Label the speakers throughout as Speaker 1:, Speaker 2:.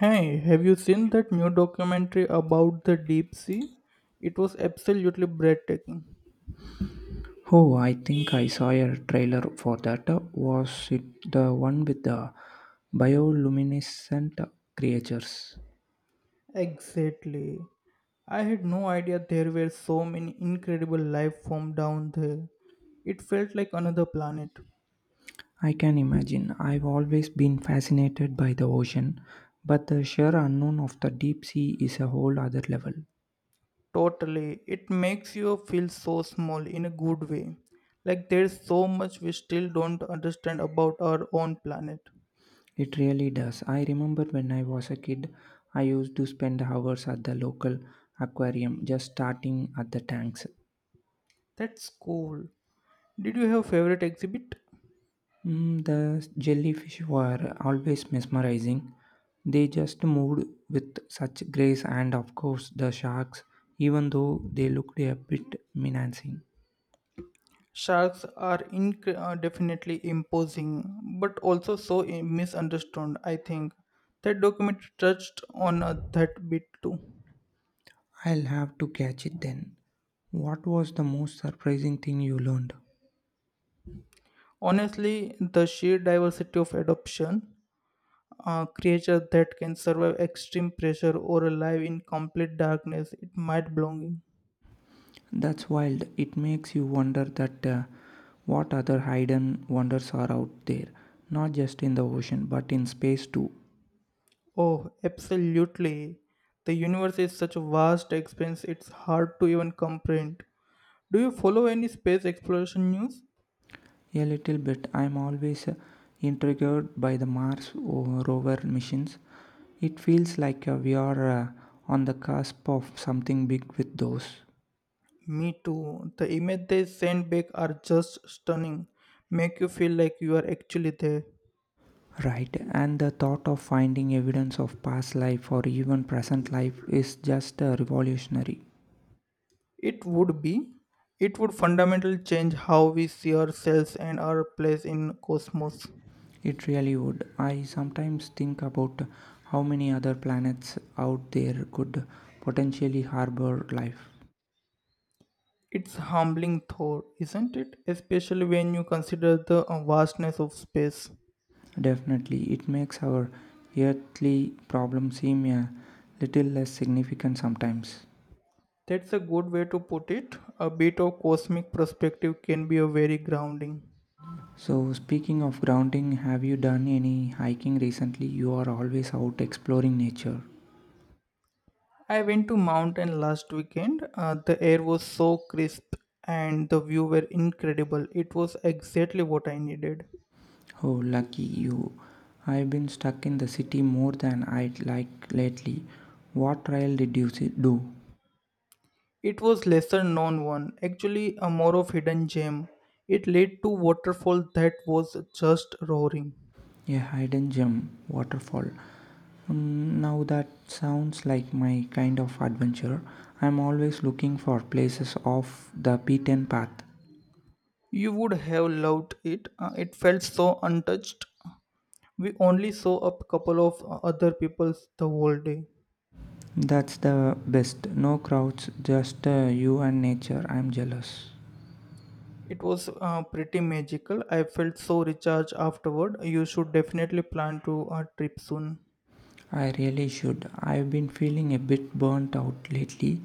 Speaker 1: Hey, have you seen that new documentary about the deep sea? It was absolutely breathtaking.
Speaker 2: Oh, I think I saw a trailer for that. Was it the one with the bioluminescent creatures?
Speaker 1: Exactly. I had no idea there were so many incredible life forms down there. It felt like another planet.
Speaker 2: I can imagine. I've always been fascinated by the ocean, but the sheer unknown of the deep sea is a whole other level.
Speaker 1: Totally. It makes you feel so small in a good way. Like there's so much we still don't understand about our own planet.
Speaker 2: It really does. I remember when I was a kid, I used to spend hours at the local aquarium just starting at the tanks.
Speaker 1: That's cool. Did you have a favorite exhibit?
Speaker 2: Mm, the jellyfish were always mesmerizing. They just moved with such grace, and of course, the sharks, even though they looked a bit menacing.
Speaker 1: Definitely imposing, but also so misunderstood, I think. That documentary touched on that bit too.
Speaker 2: I'll have to catch it then. What was the most surprising thing you learned?
Speaker 1: Honestly, the sheer diversity of adoption, a creature that can survive extreme pressure or alive in complete darkness, it might belonging.
Speaker 2: That's wild. It makes you wonder that what other hidden wonders are out there, not just in the ocean, but in space too.
Speaker 1: Oh, absolutely. The universe is such a vast expanse, it's hard to even comprehend. Do you follow any space exploration news?
Speaker 2: A little bit. I'm always intrigued by the rover missions. It feels like we are on the cusp of something big with those.
Speaker 1: Me too. The image they send back are just stunning. Make you feel like you are actually there.
Speaker 2: Right, and the thought of finding evidence of past life or even present life is just revolutionary.
Speaker 1: It would be. It would fundamentally change how we see ourselves and our place in cosmos.
Speaker 2: It really would. I sometimes think about how many other planets out there could potentially harbor life.
Speaker 1: It's humbling thought, isn't it? Especially when you consider the vastness of space.
Speaker 2: Definitely, it makes our earthly problems seem a little less significant sometimes.
Speaker 1: That's a good way to put it. A bit of cosmic perspective can be a very grounding.
Speaker 2: So, speaking of grounding, have you done any hiking recently? You are always out exploring nature.
Speaker 1: I went to mountain last weekend. The air was so crisp and the view were incredible. It was exactly what I needed.
Speaker 2: Oh, lucky you. I've been stuck in the city more than I'd like lately. What trail did do?
Speaker 1: It was lesser known one, actually a more of hidden gem. It led to waterfall that was just roaring.
Speaker 2: A hidden gem, waterfall. Mm, now that sounds like my kind of adventure. I'm always looking for places off the beaten path.
Speaker 1: You would have loved it. It felt so untouched. We only saw a couple of other peoples the whole day.
Speaker 2: That's the best. No crowds, just you and nature. I'm jealous.
Speaker 1: It was pretty magical. I felt so recharged afterward. You should definitely plan to a trip soon.
Speaker 2: I really should. I've been feeling a bit burnt out lately,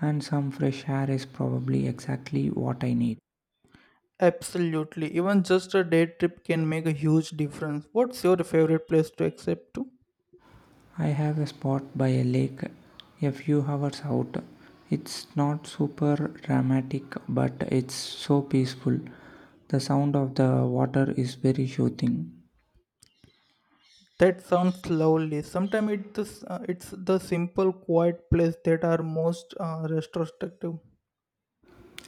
Speaker 2: and some fresh air is probably exactly what I need.
Speaker 1: Absolutely. Even just a day trip can make a huge difference. What's your favorite place to accept to?
Speaker 2: I have a spot by a lake a few hours out. It's not super dramatic, but it's so peaceful. The sound of the water is very soothing.
Speaker 1: That sounds lovely. Sometimes it's the simple, quiet place that are most retrospective.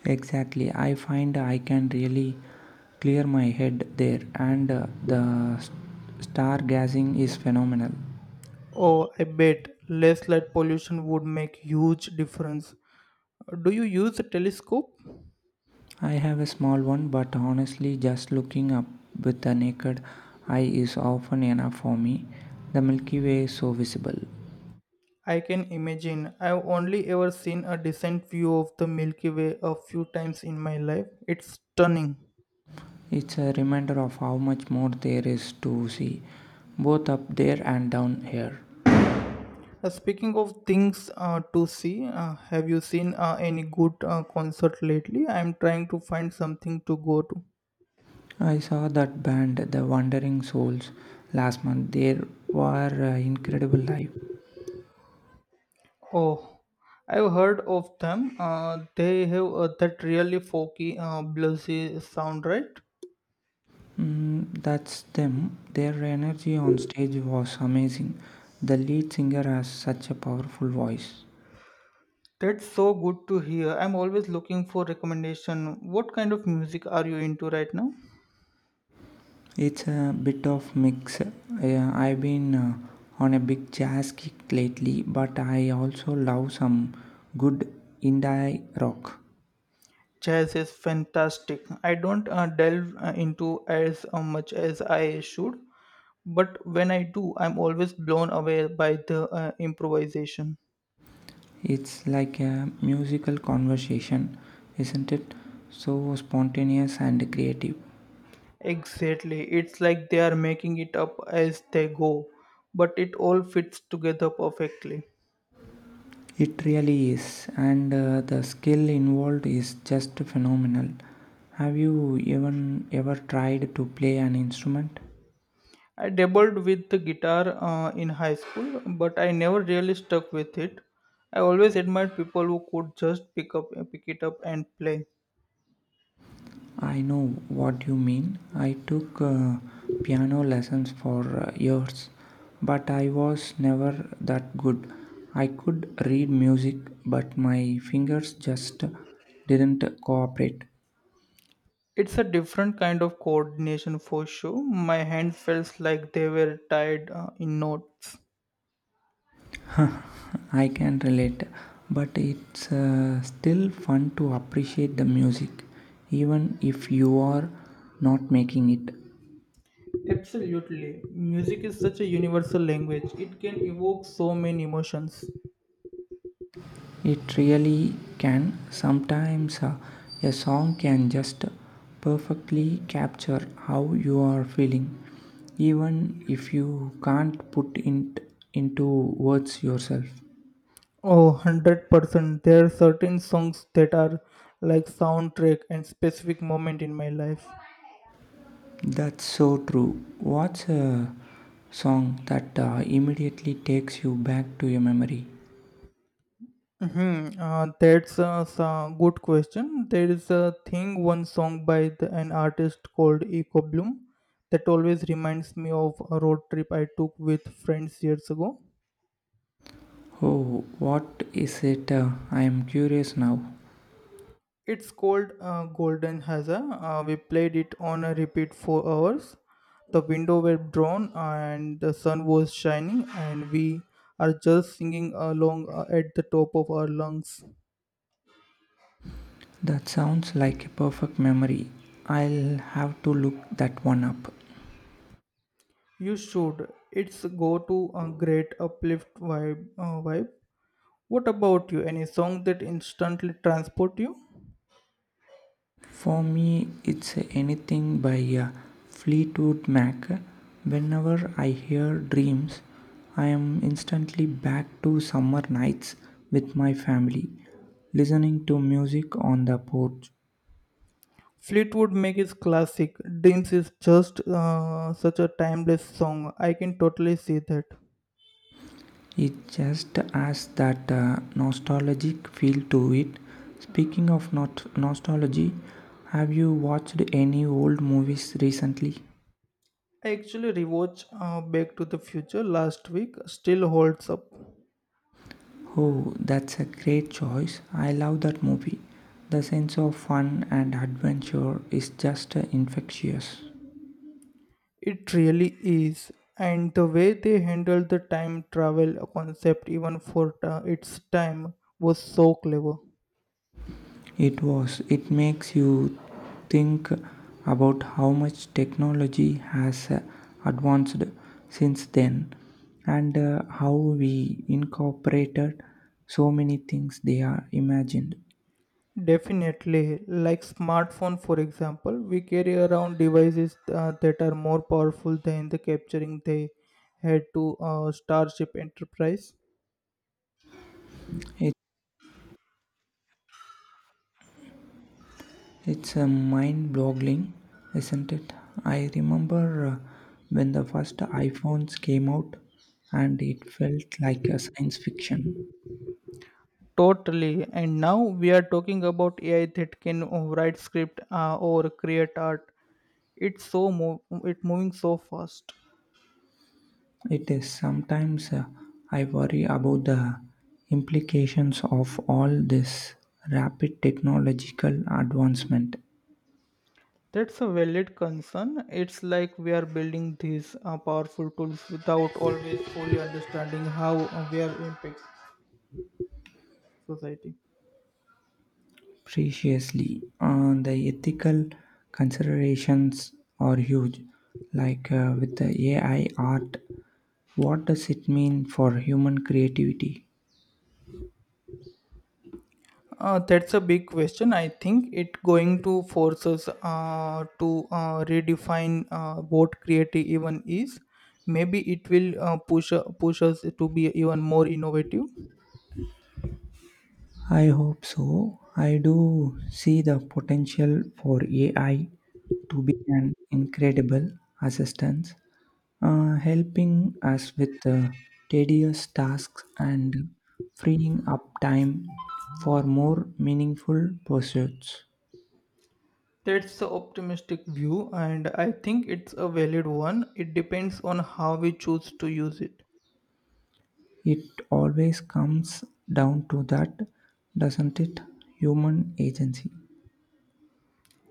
Speaker 2: Exactly. I find I can really clear my head there, and the stargazing is phenomenal.
Speaker 1: Oh, I bet less light pollution would make huge difference. Do you use a telescope?
Speaker 2: I have a small one, but honestly, just looking up with the naked eye is often enough for me. The Milky Way is so visible.
Speaker 1: I can imagine. I've only ever seen a decent view of the Milky Way a few times in my life. It's stunning.
Speaker 2: It's a reminder of how much more there is to see, both up there and down here.
Speaker 1: Speaking of things to see, have you seen any good concert lately? I'm trying to find something to go to.
Speaker 2: I saw that band, The Wandering Souls, last month. They were incredible live.
Speaker 1: Oh, I've heard of them. They have that really folky, bluesy sound, right?
Speaker 2: Mm, that's them. Their energy on stage was amazing. The lead singer has such a powerful voice.
Speaker 1: That's so good to hear. I'm always looking for recommendation. What kind of music are you into right now?
Speaker 2: It's a bit of mix. Yeah, I've been on a big jazz kick lately, but I also love some good indie rock.
Speaker 1: Chess is fantastic. I don't delve into as much as I should, but when I do, I'm always blown away by the improvisation.
Speaker 2: It's like a musical conversation, isn't it? So spontaneous and creative.
Speaker 1: Exactly. It's like they are making it up as they go, but it all fits together perfectly.
Speaker 2: It really is, and the skill involved is just phenomenal. Have you even ever tried to play an instrument?
Speaker 1: I dabbled with the guitar in high school, but I never really stuck with it. I always admired people who could just pick it up and play.
Speaker 2: I know what you mean. I took piano lessons for years, but I was never that good. I could read music, but my fingers just didn't cooperate.
Speaker 1: It's a different kind of coordination for sure. My hand felt like they were tied in knots.
Speaker 2: I can relate, but it's still fun to appreciate the music, even if you are not making it.
Speaker 1: Absolutely. Music is such a universal language. It can evoke so many emotions.
Speaker 2: It really can. Sometimes a song can just perfectly capture how you are feeling, even if you can't put it into words yourself.
Speaker 1: Oh, 100%. There are certain songs that are like soundtrack and specific moment in my life.
Speaker 2: That's so true. What's a song that immediately takes you back to your memory?
Speaker 1: Mm-hmm. That's a good question. There is a thing, one song by an artist called Eco Bloom that always reminds me of a road trip I took with friends years ago.
Speaker 2: Oh, what is it? I am curious now.
Speaker 1: It's called Golden Hazard. We played it on a repeat for hours. The window were drawn and the sun was shining, and we are just singing along at the top of our lungs.
Speaker 2: That sounds like a perfect memory. I'll have to look that one up.
Speaker 1: You should. It's go to a great uplift vibe. What about you? Any song that instantly transport you?
Speaker 2: For me, it's anything by Fleetwood Mac. Whenever I hear dreams, I am instantly back to summer nights with my family, listening to music on the porch.
Speaker 1: Fleetwood Mac is classic. Dreams is just such a timeless song. I can totally see that.
Speaker 2: It just has that nostalgic feel to it. Speaking of not nostalgy, have you watched any old movies recently?
Speaker 1: I actually rewatched Back to the Future last week. Still holds up.
Speaker 2: Oh, that's a great choice. I love that movie. The sense of fun and adventure is just infectious.
Speaker 1: It really is. And the way they handled the time travel concept, even for its time, was so clever.
Speaker 2: It was, it makes you think about how much technology has advanced since then, and how we incorporated so many things they are imagined.
Speaker 1: Definitely, like smartphone, for example, we carry around devices that are more powerful than the capturing they had to Starship Enterprise.
Speaker 2: it, it's a mind boggling, isn't it? I remember when the first iphones came out and it felt like a science fiction.
Speaker 1: Totally, and now we are talking about AI that can write script or create art. It moving so fast.
Speaker 2: It is. Sometimes I worry about the implications of all this rapid technological advancement.
Speaker 1: That's a valid concern. It's like we are building these powerful tools without always fully understanding how we are impacts society.
Speaker 2: Preciously, the ethical considerations are huge. Like with the AI art, what does it mean for human creativity?
Speaker 1: That's a big question. I think it going to force us to redefine what creative even is. Maybe it will push us to be even more innovative.
Speaker 2: I hope so. I do see the potential for AI to be an incredible assistance, helping us with tedious tasks and freeing up time for more meaningful pursuits.
Speaker 1: That's the optimistic view, and I think it's a valid one. It depends on how we choose to use it.
Speaker 2: It always comes down to that, doesn't it? Human agency.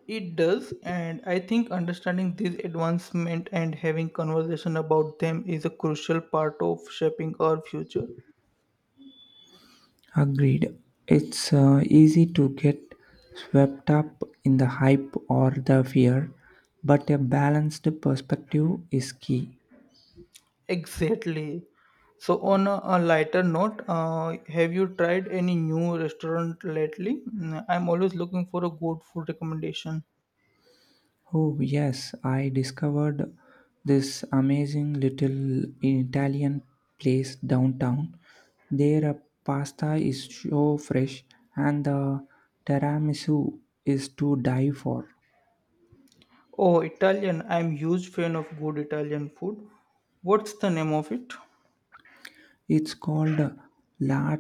Speaker 1: It does, and I think understanding this advancement and having conversation about them is a crucial part of shaping our future.
Speaker 2: Agreed. It's easy to get swept up in the hype or the fear, but a balanced perspective is key.
Speaker 1: Exactly. So, on a lighter note, have you tried any new restaurant lately? Mm, I'm always looking for a good food recommendation.
Speaker 2: Oh, yes, I discovered this amazing little Italian place downtown. Their pasta is so fresh and the tiramisu is to die for.
Speaker 1: Oh, Italian. I'm huge fan of good Italian food. What's the name of it?
Speaker 2: It's called La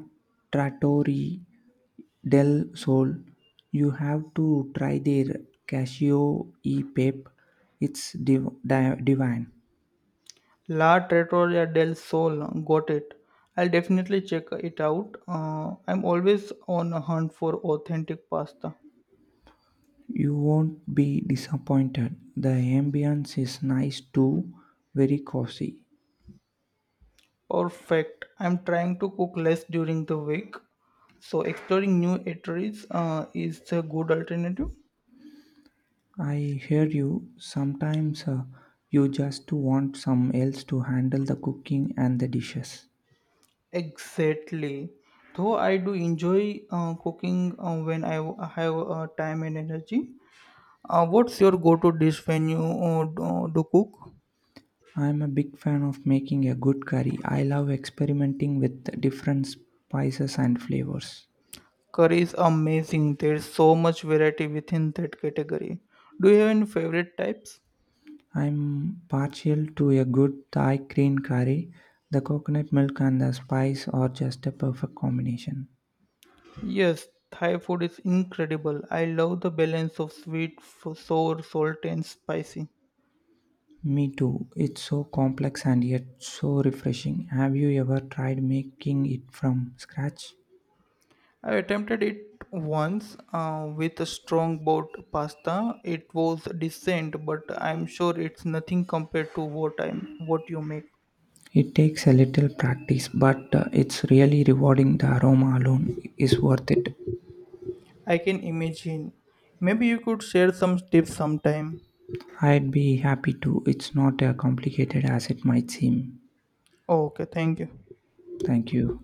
Speaker 2: Trattoria del Sole. You have to try their casio e pepe. It's divine.
Speaker 1: La Trattoria del Sol. Got it. I'll definitely check it out. I'm always on a hunt for authentic pasta.
Speaker 2: You won't be disappointed. The ambience is nice too, very cozy.
Speaker 1: Perfect. I'm trying to cook less during the week, so exploring new eateries is a good alternative.
Speaker 2: I hear you. Sometimes you just want some else to handle the cooking and the dishes.
Speaker 1: Exactly. Though I do enjoy cooking when have time and energy. What's your go-to dish when you do cook?
Speaker 2: I'm a big fan of making a good curry. I love experimenting with different spices and flavors.
Speaker 1: Curry is amazing. There's so much variety within that category. Do you have any favorite types?
Speaker 2: I'm partial to a good Thai green curry. The coconut milk and the spice are just a perfect combination.
Speaker 1: Yes, Thai food is incredible. I love the balance of sweet, sour, salty, and spicy.
Speaker 2: Me too. It's so complex and yet so refreshing. Have you ever tried making it from scratch?
Speaker 1: I attempted it once with a strong boat pasta. It was decent, but I'm sure it's nothing compared to what you make.
Speaker 2: It takes a little practice, but it's really rewarding. The aroma alone is worth it.
Speaker 1: I can imagine. Maybe you could share some tips sometime.
Speaker 2: I'd be happy to. It's not as complicated as it might seem.
Speaker 1: Oh, okay, thank you.
Speaker 2: Thank you.